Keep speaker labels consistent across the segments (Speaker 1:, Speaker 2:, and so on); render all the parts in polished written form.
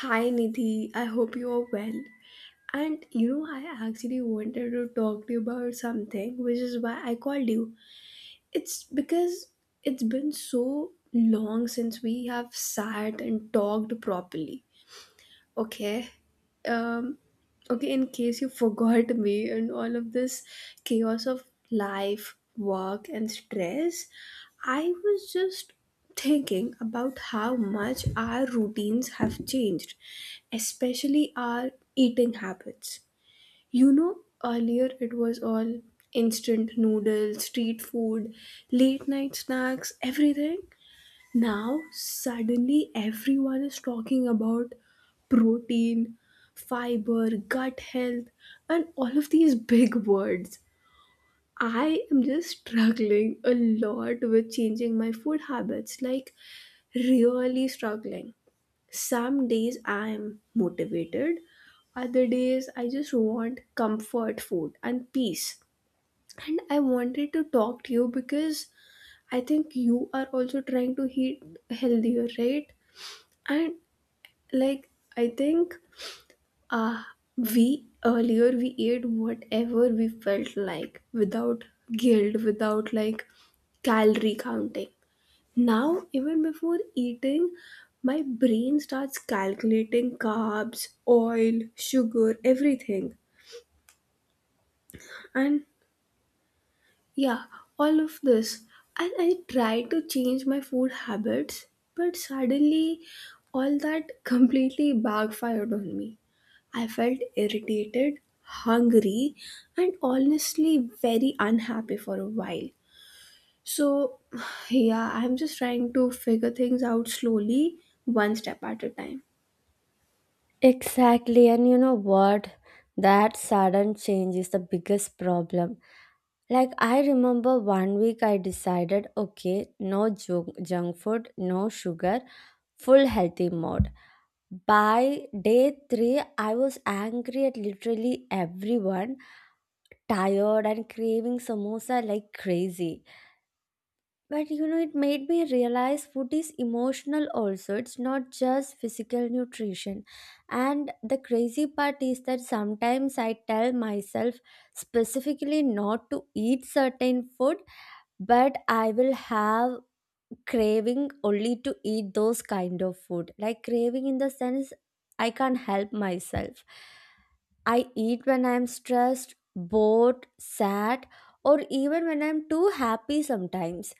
Speaker 1: Hi Nidhi, I hope you are well. And you know, I actually wanted to talk to you about something, which is why I called you. It's because it's been so long since we have sat and talked properly. Okay. Um, okay, in case you forgot me and all of this chaos of life, work, and stress, I was just thinking about how much our routines have changed, especially our eating habits. You know, earlier it was all instant noodles, street food, late night snacks, everything. Now, suddenly everyone is talking about protein, fiber, gut health, and all of these big words. I am just struggling a lot with changing my food habits, like, really struggling. Some days I am motivated, other days I just want comfort food and peace. And I wanted to talk to you because I think you are also trying to eat healthier, right? And like, I think, uh we ate whatever we felt like without guilt, without, like, calorie counting. Now even before eating, my brain starts calculating carbs, oil, sugar, everything. And yeah, all of this. And I tried to change my food habits, but suddenly all that completely backfired on me. I felt irritated, hungry, and honestly very unhappy for a while. So, yeah, I'm just trying to figure things out slowly, one step at a time.
Speaker 2: Exactly, and you know what? That sudden change is the biggest problem. Like, I remember one week I decided, okay, no junk food, no sugar, full healthy mode. By day three, I was angry at literally everyone, tired, and craving samosa like crazy. But you know, it made me realize food is emotional also. It's not just physical nutrition. And the crazy part is that sometimes I tell myself specifically not to eat certain food, but I will have craving only to eat those kind of food. Like, craving in the sense I can't help myself. I eat when I'm stressed, bored, sad, or even when I'm too happy sometimes.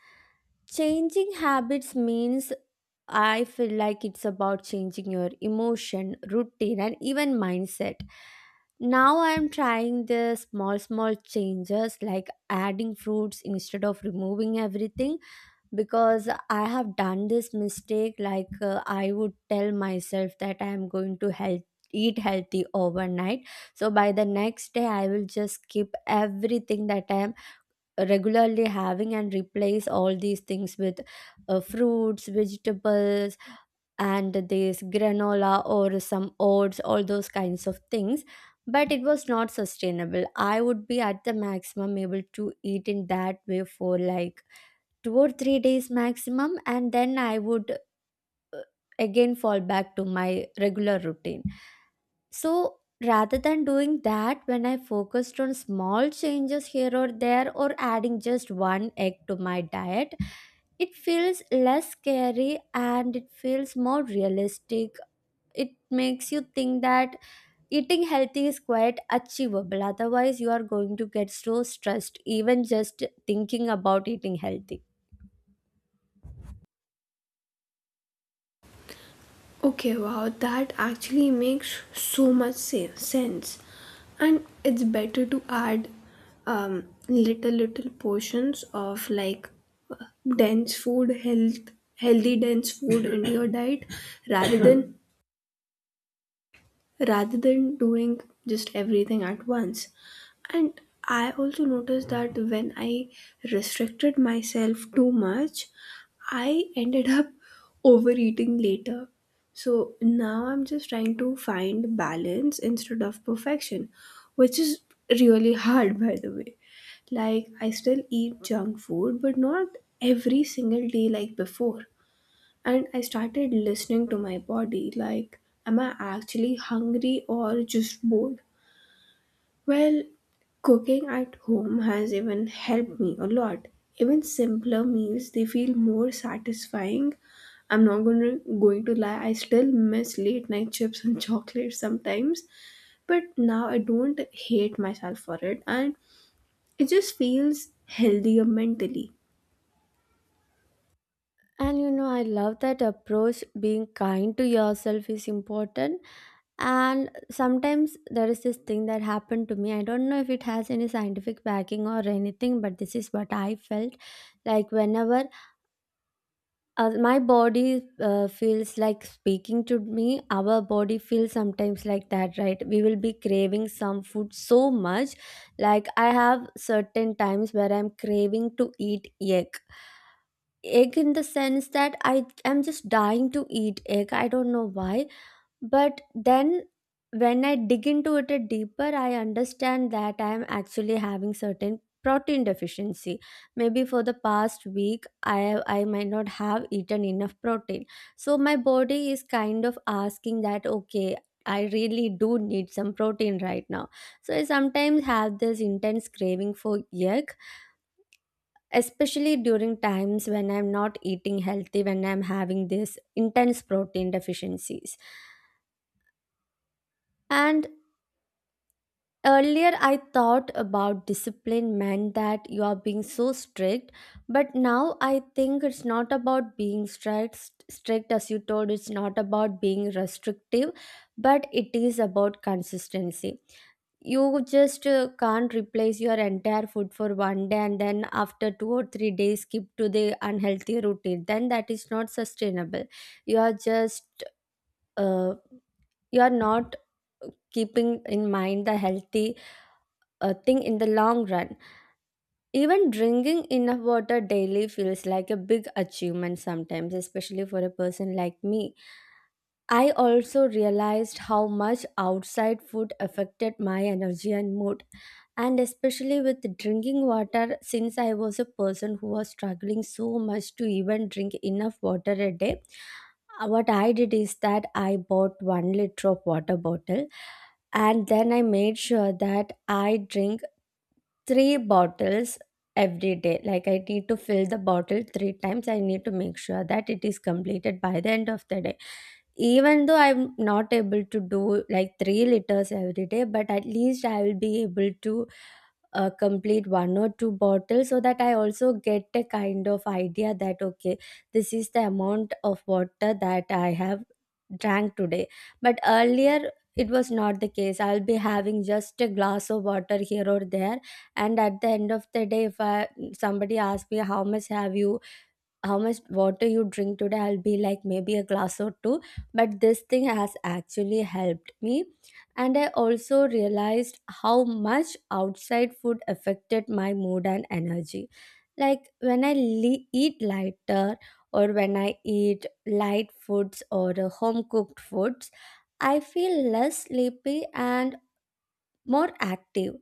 Speaker 2: Changing habits means I feel like it's about changing your emotion, routine, and even mindset. Now I'm trying the small, small changes like adding fruits instead of removing everything, because I have done this mistake. I would tell myself that I'm going to health. Eat healthy overnight, so by the next day, I will just skip everything that I am regularly having and replace all these things with fruits, vegetables, and this granola or some oats, all those kinds of things. But it was not sustainable. I would be at the maximum able to eat in that way for like 2 or 3 days maximum, and then I would again fall back to my regular routine. So rather than doing that, when I focused on small changes here or there or adding just one egg to my diet, it feels less scary and it feels more realistic. It makes you think that eating healthy is quite achievable. Otherwise, you are going to get so stressed, even just thinking about eating healthy.
Speaker 1: Okay, wow, that actually makes so much sense. And it's better to add little, little portions of, like, dense food, healthy, dense food into your diet rather than rather than doing just everything at once. And I also noticed that when I restricted myself too much, I ended up overeating later. So now I'm just trying to find balance instead of perfection, which is really hard, by the way. Like, I still eat junk food, but not every single day like before, and I started listening to my body like, am I actually hungry or just bored? Well, cooking at home has even helped me a lot. Even simpler meals, they feel more satisfying. I'm not going to lie, I still miss late night chips and chocolate sometimes, but now I don't hate myself for it, and it just feels healthier mentally.
Speaker 2: And you know, I love that approach. Being kind to yourself is important. And sometimes there is this thing that happened to me. I don't know if it has any scientific backing or anything, but this is what I felt. Like, whenever my body feels like speaking to me, our body feels sometimes like that, right? We will be craving some food so much. Like, I have certain times where I'm craving to eat egg. Egg in the sense that I am just dying to eat egg. I don't know why, but then when I dig into it a deeper, I understand that I am actually having certain protein deficiency. Maybe for the past week, I might not have eaten enough protein. So my body is kind of asking that, okay, I really do need some protein right now. So I sometimes have this intense craving for egg, especially during times when I'm not eating healthy, when I'm having this intense protein deficiencies. And earlier, I thought about discipline meant that you are being so strict, but now I think it's not about being strict, strict as you told, it's not about being restrictive, but it is about consistency. You just can't replace your entire food for one day and then after 2 or 3 days skip to the unhealthy routine. Then that is not sustainable. You are just, uh, you are not keeping in mind the healthy a thing in the long run. Even drinking enough water daily feels like a big achievement sometimes, especially for a person like me. I also realized how much outside food affected my energy and mood, and especially with drinking water, since I was a person who was struggling so much to even drink enough water a day. What I did is that I bought 1 liter of water bottle, and then I made sure that I drink 3 bottles every day. Like, I need to fill the bottle 3 times. I need to make sure that it is completed by the end of the day. Even though I'm not able to do like 3 liters every day, but at least I will be able to complete one or two bottles, so that I also get a kind of idea that, okay, this is the amount of water that I have drank today. But earlier it was not the case. I'll be having just a glass of water here or there, and at the end of the day, if I, somebody asks me how much water you drink today, I'll be like maybe a glass or two. But this thing has actually helped me. And I also realized how much outside food affected my mood and energy. Like, when I eat lighter, or when I eat light foods or home cooked foods, I feel less sleepy and more active.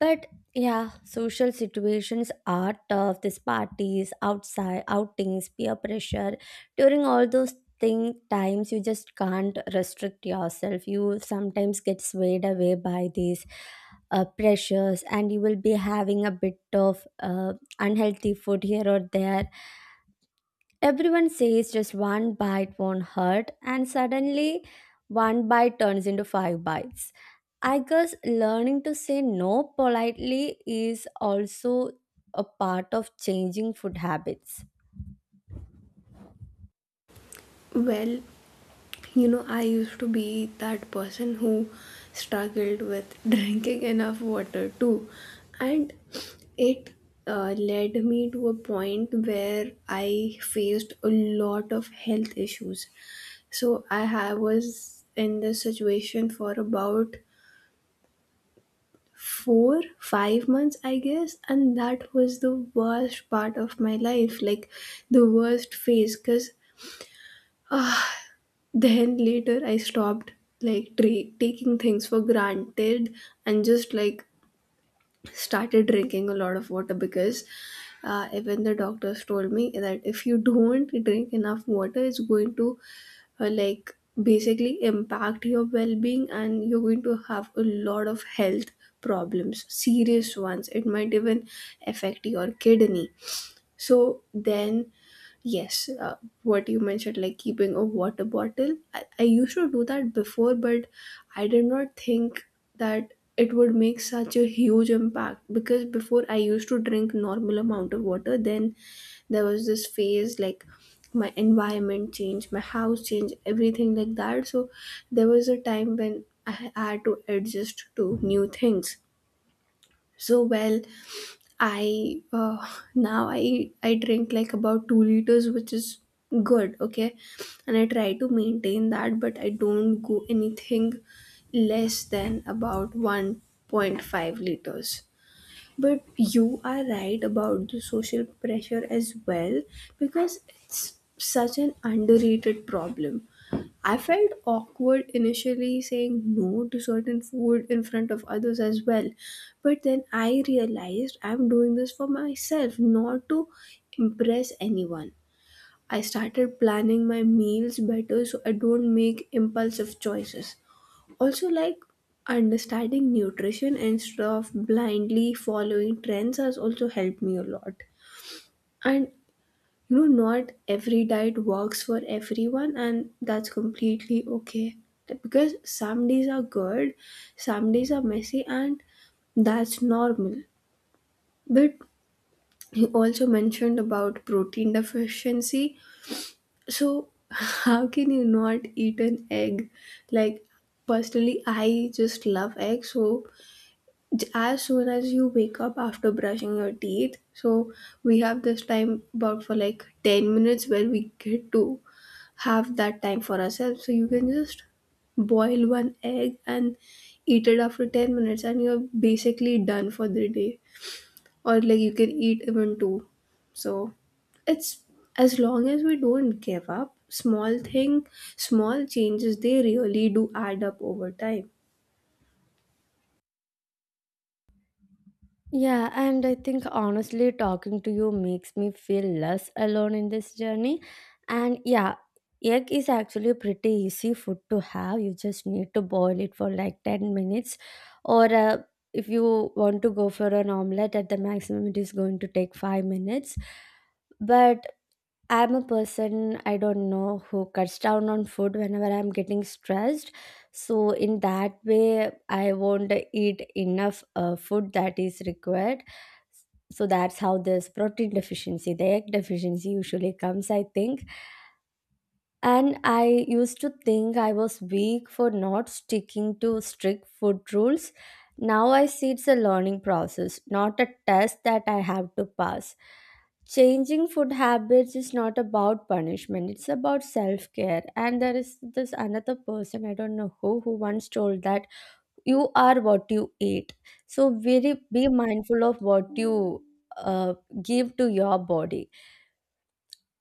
Speaker 2: But yeah, social situations are tough. These parties, outside outings, peer pressure. During all those thing times, you just can't restrict yourself. You sometimes get swayed away by these pressures, and you will be having a bit of unhealthy food here or there. Everyone says just one bite won't hurt, and suddenly one bite turns into five bites. I guess learning to say no politely is also a part of changing food habits.
Speaker 1: Well, you know, I used to be that person who struggled with drinking enough water too. And it, led me to a point where I faced a lot of health issues. So I was in this situation for about 4, 5 months, I guess. And that was the worst part of my life, like the worst phase, because then later I stopped, like, taking things for granted and just, like, started drinking a lot of water because, even the doctors told me that if you don't drink enough water, it's going to, like, basically impact your well-being, and you're going to have a lot of health problems, serious ones. It might even affect your kidney. So then, yes, what you mentioned, like keeping a water bottle, I used to do that before, but I did not think that it would make such a huge impact, because before I used to drink normal amount of water. Then there was this phase like my environment changed, my house changed, everything like that. So there was a time when I had to adjust to new things. So, well, I, now I drink like about 2 liters, which is good, okay, and I try to maintain that, but I don't go anything less than about 1.5 liters. But you are right about the social pressure as well, because it's such an underrated problem. I felt awkward initially saying no to certain food in front of others as well. But then I realized I'm doing this for myself, not to impress anyone. I started planning my meals better so I don't make impulsive choices. Also, like, understanding nutrition instead of blindly following trends has also helped me a lot. And you know, not every diet works for everyone, and that's completely okay. Like, because some days are good, some days are messy, and that's normal. But you also mentioned about protein deficiency. So, how can you not eat an egg? Like, personally, I just love eggs. So, as soon as you wake up after brushing your teeth, so we have this time about for like 10 minutes where we get to have that time for ourselves. So you can just boil one egg and eat it after 10 minutes, and you're basically done for the day. Or like you can eat even two. So it's, as long as we don't give up, small thing, small changes, they really do add up over time.
Speaker 2: Yeah, and I think honestly, talking to you makes me feel less alone in this journey. And yeah, egg is actually a pretty easy food to have. You just need to boil it for like 10 minutes. Or if you want to go for an omelette, at the maximum, it is going to take 5 minutes. But I'm a person, I don't know, who cuts down on food whenever I'm getting stressed. So, in that way, I won't eat enough food that is required. So, that's how this protein deficiency, the egg deficiency usually comes, I think. And I used to think I was weak for not sticking to strict food rules. Now I see it's a learning process, not a test that I have to pass. Changing food habits is not about punishment, it's about self care. And there is this another person, I don't know who once told that you are what you eat. So, very be mindful of what you uh, give to your body.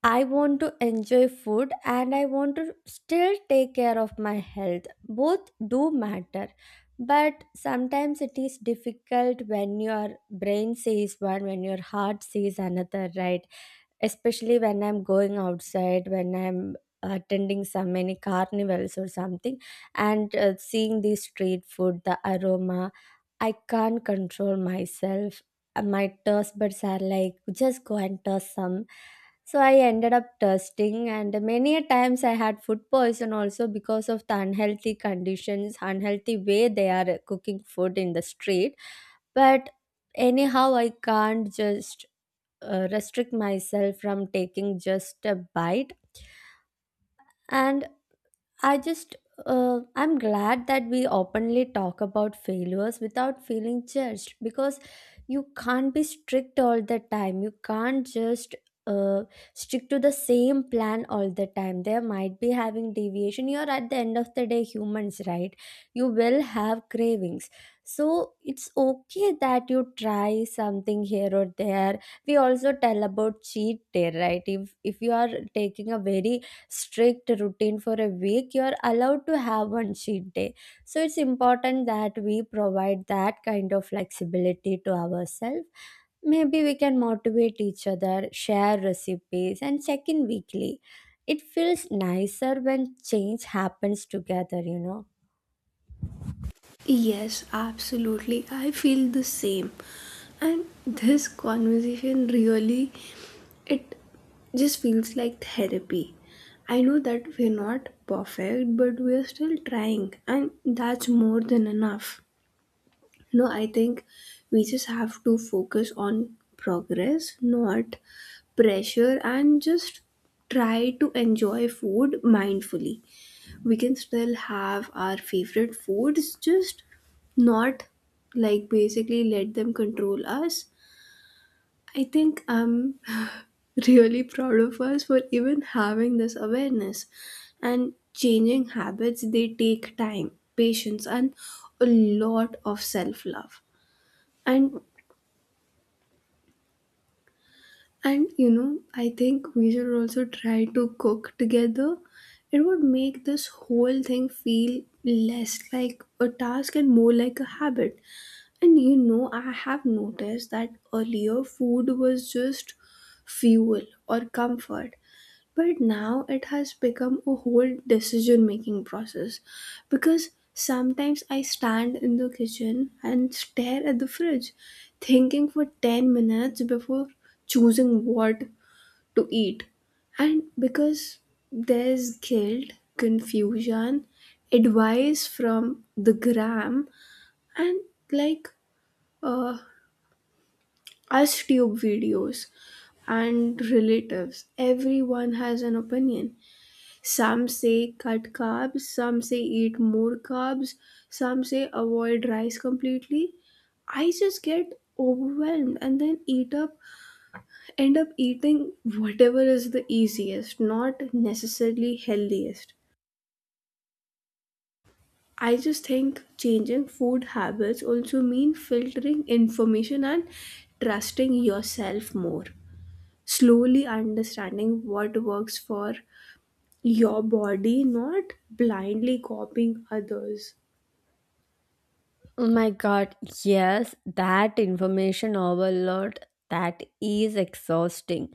Speaker 2: I want to enjoy food and I want to still take care of my health. Both do matter. But sometimes it is difficult when your brain says one, when your heart says another, right? Especially when I'm going outside, when I'm attending some many carnivals or something, and seeing the street food, the aroma, I can't control myself. My taste buds are like, just go and taste some. So I ended up testing, and many a times I had food poison also because of the unhealthy conditions, unhealthy way they are cooking food in the street. But anyhow, I can't just restrict myself from taking just a bite. And I just, I'm glad that we openly talk about failures without feeling judged, because you can't be strict all the time. You can't just uh, stick to the same plan all the time. There might be having deviation. You're at the end of the day humans, right? You will have cravings. So it's okay that you try something here or there. We also tell about cheat day, right? If you are taking a very strict routine for a week, you're allowed to have one cheat day. So it's important that we provide that kind of flexibility to ourselves. Maybe we can motivate each other, share recipes, and check in weekly. It feels nicer when change happens together, you know?
Speaker 1: Yes, absolutely. I feel the same. And this conversation really, it just feels like therapy. I know that we're not perfect, but we're still trying, and that's more than enough. No, I think we just have to focus on progress, not pressure, and just try to enjoy food mindfully. We can still have our favorite foods, just not, like, basically let them control us. I think I'm really proud of us for even having this awareness, and changing habits, they take time, patience, and a lot of self love. and And you know, I think we should also try to cook together. It would make this whole thing feel less like a task and more like a habit. And you know, I have noticed that earlier food was just fuel or comfort. But now it has become a whole decision making process, because sometimes I stand in the kitchen and stare at the fridge, thinking for 10 minutes before choosing what to eat. And because there's guilt, confusion, advice from the gram, and, like, uh, us tube videos and relatives, everyone has an opinion. Some say cut carbs, some say eat more carbs, some say avoid rice completely. I just get overwhelmed and then eat up end up eating whatever is the easiest, not necessarily healthiest. I just think changing food habits also mean filtering information and trusting yourself more. Slowly understanding what works for your body, not blindly copying others.
Speaker 2: Oh my god, yes, that information overload, that is exhausting,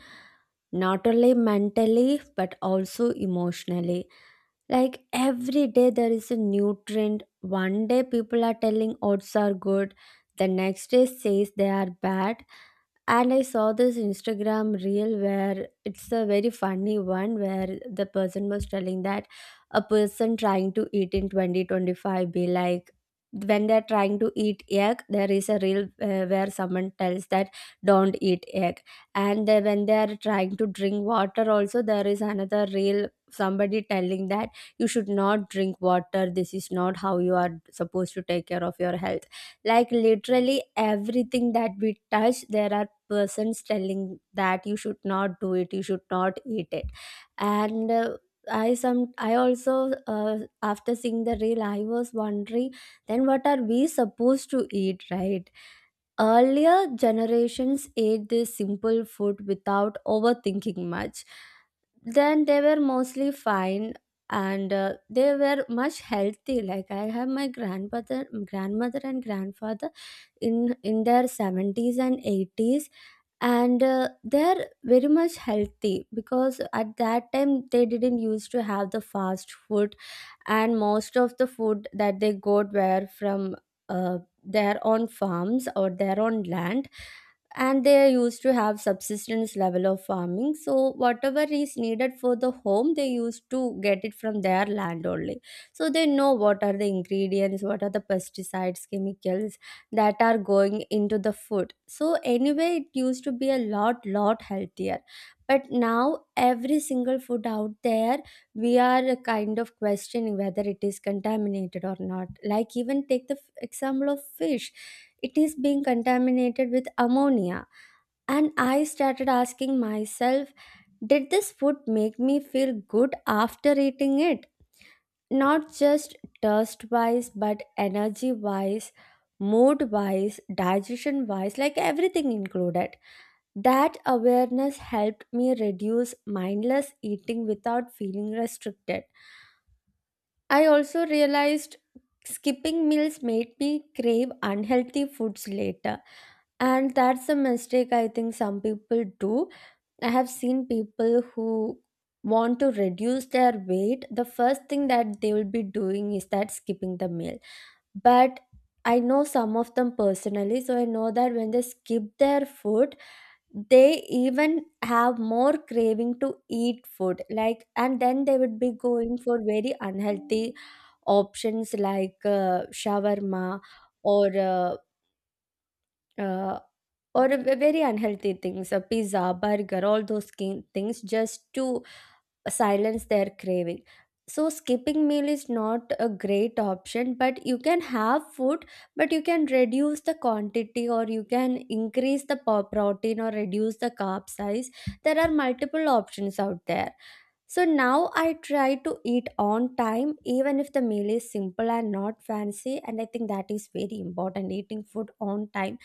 Speaker 2: not only mentally but also emotionally. Like, every day there is a new trend. One day people are telling oats are good, the next day says they are bad. And I saw this Instagram reel, where it's a very funny one, where the person was telling that a person trying to eat in 2025 be like, when they're trying to eat egg there is a reel where someone tells that don't eat egg. And when they're trying to drink water also, there is another reel somebody telling that you should not drink water, this is not how you are supposed to take care of your health. Like literally everything that we touch, there are person's telling that you should not do it, you should not eat it. And I some I also uh, After seeing the reel I was wondering, then what are we supposed to eat, right? Earlier generations ate this simple food without overthinking much, then they were mostly fine. And they were much healthy. Like I have my grandmother and grandfather in in their 70s and 80s, and they're very much healthy, because at that time they didn't used to have the fast food. And most of the food that they got were from their own farms or their own land. And they used to have subsistence level of farming, so whatever is needed for the home they used to get it from their land only. So they know what are the ingredients, what are the pesticides, chemicals that are going into the food. So anyway, it used to be a lot healthier. But now every single food out there, we are kind of questioning whether it is contaminated or not. Like even take the example of fish, it is being contaminated with ammonia. And I started asking myself, did this food make me feel good after eating it? Not just thirst wise, but energy wise, mood wise, digestion wise, like everything included. That awareness helped me reduce mindless eating without feeling restricted. I also realized skipping meals made me crave unhealthy foods later. And that's a mistake I think some people do. I have seen people who want to reduce their weight, the first thing that they will be doing is that skipping the meal. But I know some of them personally, so I know that when they skip their food, they even have more craving to eat food, like, and then they would be going for very unhealthy options like shawarma or uh, uh, or a very unhealthy things, a pizza, burger, all those things, just to silence their craving. So skipping meal is not a great option, but you can have food, but you can reduce the quantity, or you can increase the protein or reduce the carb size. There are multiple options out there. So now I try to eat on time, even if the meal is simple and not fancy. And I think that is very important, eating food on time.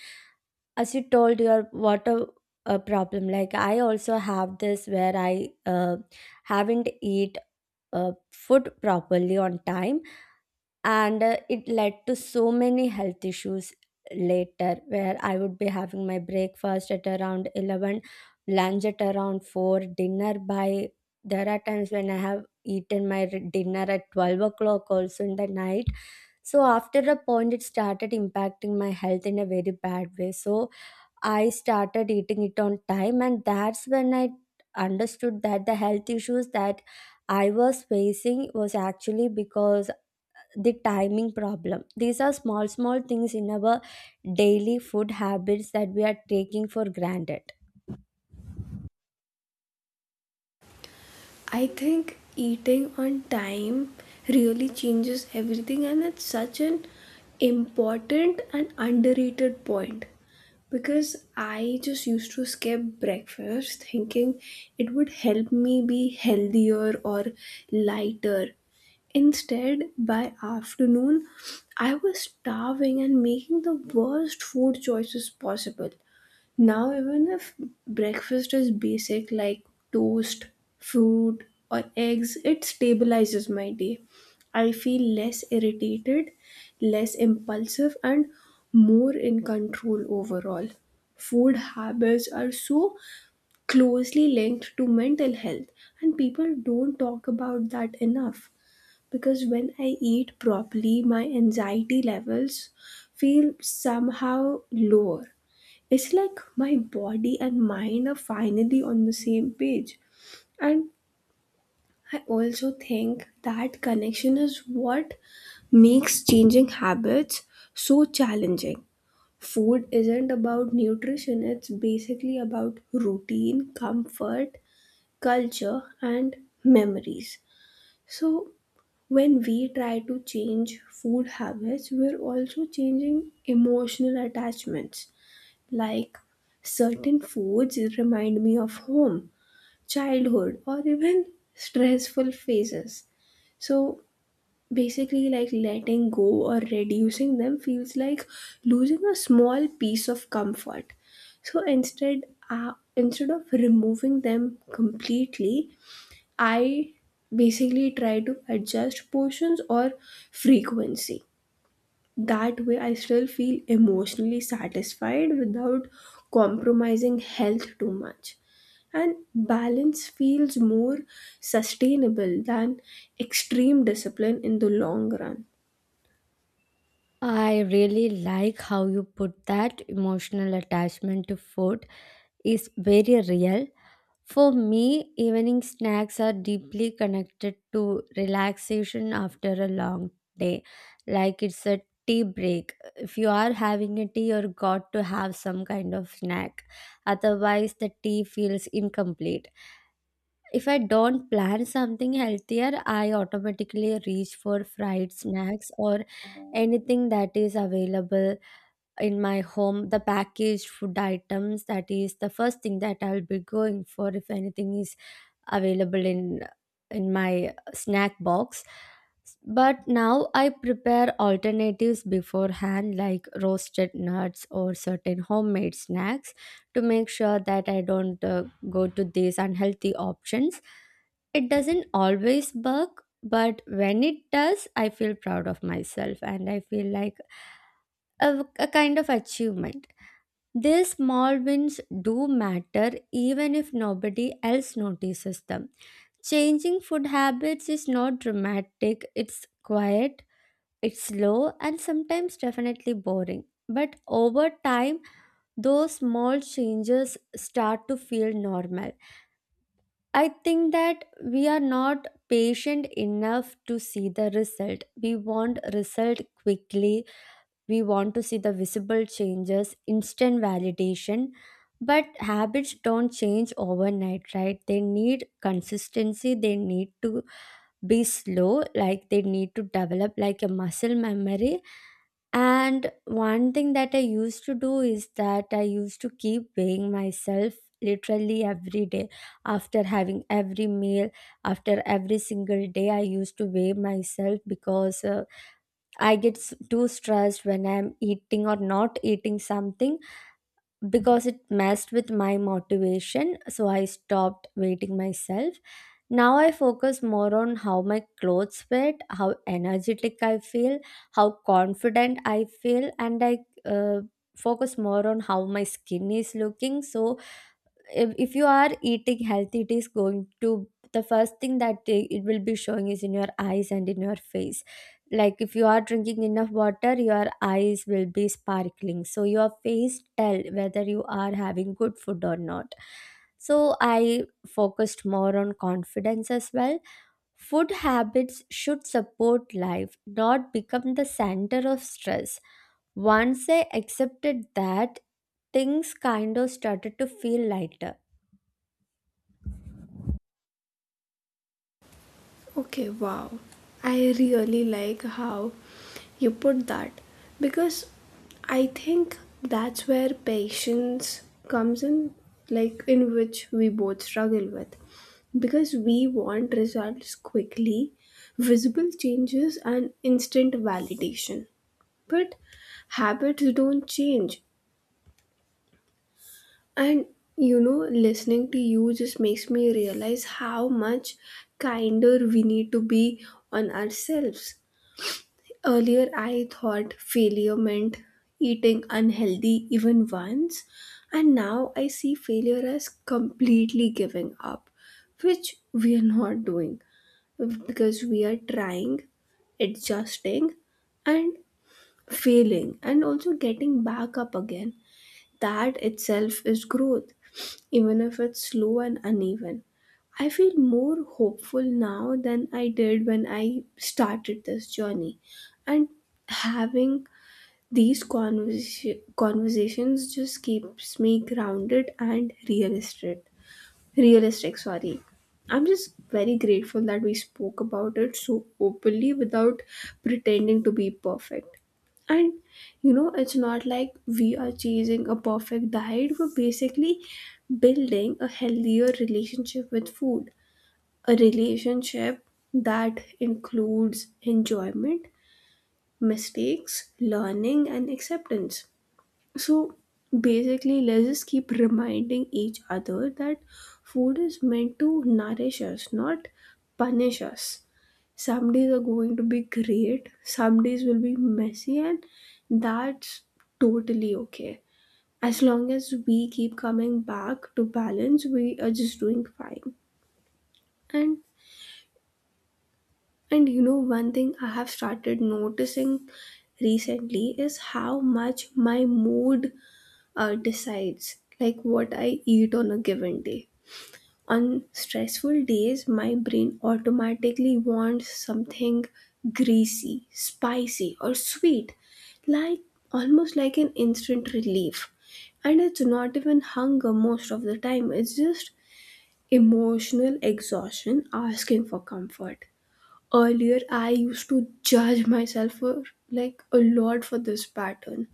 Speaker 2: As you told your water problem, like I also have this where I haven't eat food properly on time. And it led to so many health issues later, where I would be having my breakfast at around 11, lunch at around 4, dinner by, there are times when I have eaten my dinner at 12 o'clock also in the night. So after a point, it started impacting my health in a very bad way. So I started eating it on time, and that's when I understood that the health issues that I was facing was actually because the timing problem. These are small, small things in our daily food habits that we are taking for granted.
Speaker 1: I think eating on time really changes everything, and it's such an important and underrated point, because I just used to skip breakfast thinking it would help me be healthier or lighter. Instead, by afternoon, I was starving and making the worst food choices possible. Now, even if breakfast is basic like toast, fruit, or eggs, it stabilizes my day. I feel less irritated, less impulsive, and more in control overall. Food habits are so closely linked to mental health, and people don't talk about that enough. Because when I eat properly, my anxiety levels feel somehow lower. It's like my body and mind are finally on the same page. And I also think that connection is what makes changing habits so challenging. Food isn't about nutrition, it's basically about routine, comfort, culture, and memories. So when we try to change food habits, we're also changing emotional attachments. Like, certain foods remind me of home, childhood, or even stressful phases. So basically, like, letting go or reducing them feels like losing a small piece of comfort. So instead, instead of removing them completely, I basically try to adjust portions or frequency. That way I still feel emotionally satisfied without compromising health too much, and balance feels more sustainable than extreme discipline in the long run.
Speaker 2: I really like how you put that emotional attachment to food is very real. For me, evening snacks are deeply connected to relaxation after a long day, like it's a tea break. If you are having a tea, you're got to have some kind of snack, otherwise the tea feels incomplete. If I don't plan something healthier, I automatically reach for fried snacks or anything that is available in my home, the packaged food items. That is the first thing that I'll be going for, if anything is available in my snack box. But now I prepare alternatives beforehand, like roasted nuts or certain homemade snacks, to make sure that I don't go to these unhealthy options. It doesn't always work, but when it does, I feel proud of myself and I feel like a kind of achievement. These small wins do matter, even if nobody else notices them. Changing food habits is not dramatic, it's quiet, it's slow, and sometimes definitely boring. But over time, those small changes start to feel normal. I think that we are not patient enough to see the result. We want result quickly. We want to see the visible changes, instant validation. But habits don't change overnight, right? They need consistency. They need to be slow, like they need to develop like a muscle memory. And one thing that I used to do is that I used to keep weighing myself literally every day, after having every meal, after every single day I used to weigh myself, because I get too stressed when I'm eating or not eating something, because it messed with my motivation. So I stopped weighing myself. Now I focus more on how my clothes fit, how energetic I feel, how confident I feel, and I uh, focus more on how my skin is looking. So if you are eating healthy, it is going to, the first thing that it will be showing is in your eyes and in your face. Like if you are drinking enough water your eyes will be sparkling, so your face tell whether you are having good food or not. So I focused more on confidence as well. Food habits should support life, not become the center of stress. Once I accepted that, things kind of started to feel lighter.
Speaker 1: Okay, wow. I really like how you put that, because I think that's where patience comes in, like, in which we both struggle with. Because we want results quickly, visible changes, and instant validation. But habits don't change, and, you know, listening to you just makes me realize how much kinder we need to be on ourselves. Earlier, I thought failure meant eating unhealthy even once, and now I see failure as completely giving up, which we are not doing, because we are trying, adjusting, and failing, and also getting back up again. That itself is growth, even if it's slow and uneven. I feel more hopeful now than I did when I started this journey. And having these conversations just keeps me grounded and realistic. Realistic, sorry. I'm just very grateful that we spoke about it so openly without pretending to be perfect. And you know, it's not like we are chasing a perfect diet, we're basically building a healthier relationship with food, a relationship that includes enjoyment, mistakes, learning, and acceptance. So basically, let's just keep reminding each other that food is meant to nourish us, not punish us. Some days are going to be great, some days will be messy, and that's totally okay. As long as we keep coming back to balance, we are just doing fine. And and you know, one thing I have started noticing recently is how much my mood, decides, like, what I eat on a given day. On stressful days, my brain automatically wants something greasy, spicy, or sweet, like almost like an instant relief. And it's not even hunger most of the time, it's just emotional exhaustion asking for comfort. Earlier I used to judge myself for, like, a lot for this pattern,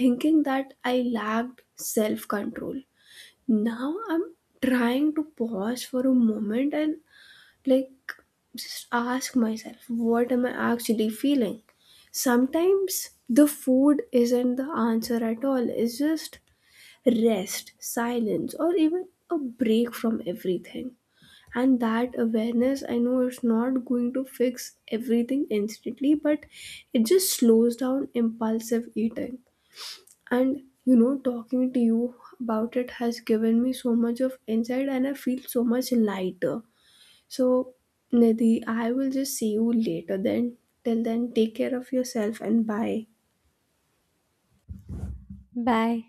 Speaker 1: thinking that I lacked self control. Now I'm trying to pause for a moment and, like, just ask myself, what am I actually feeling? Sometimes the food isn't the answer at all, it's just rest, silence, or even a break from everything. And that awareness, I know it's not going to fix everything instantly, but it just slows down impulsive eating. And you know, talking to you about it has given me so much of insight, and I feel so much lighter. So, Nidhi, I will just see you later then. Till then, take care of yourself, and bye.
Speaker 2: Bye.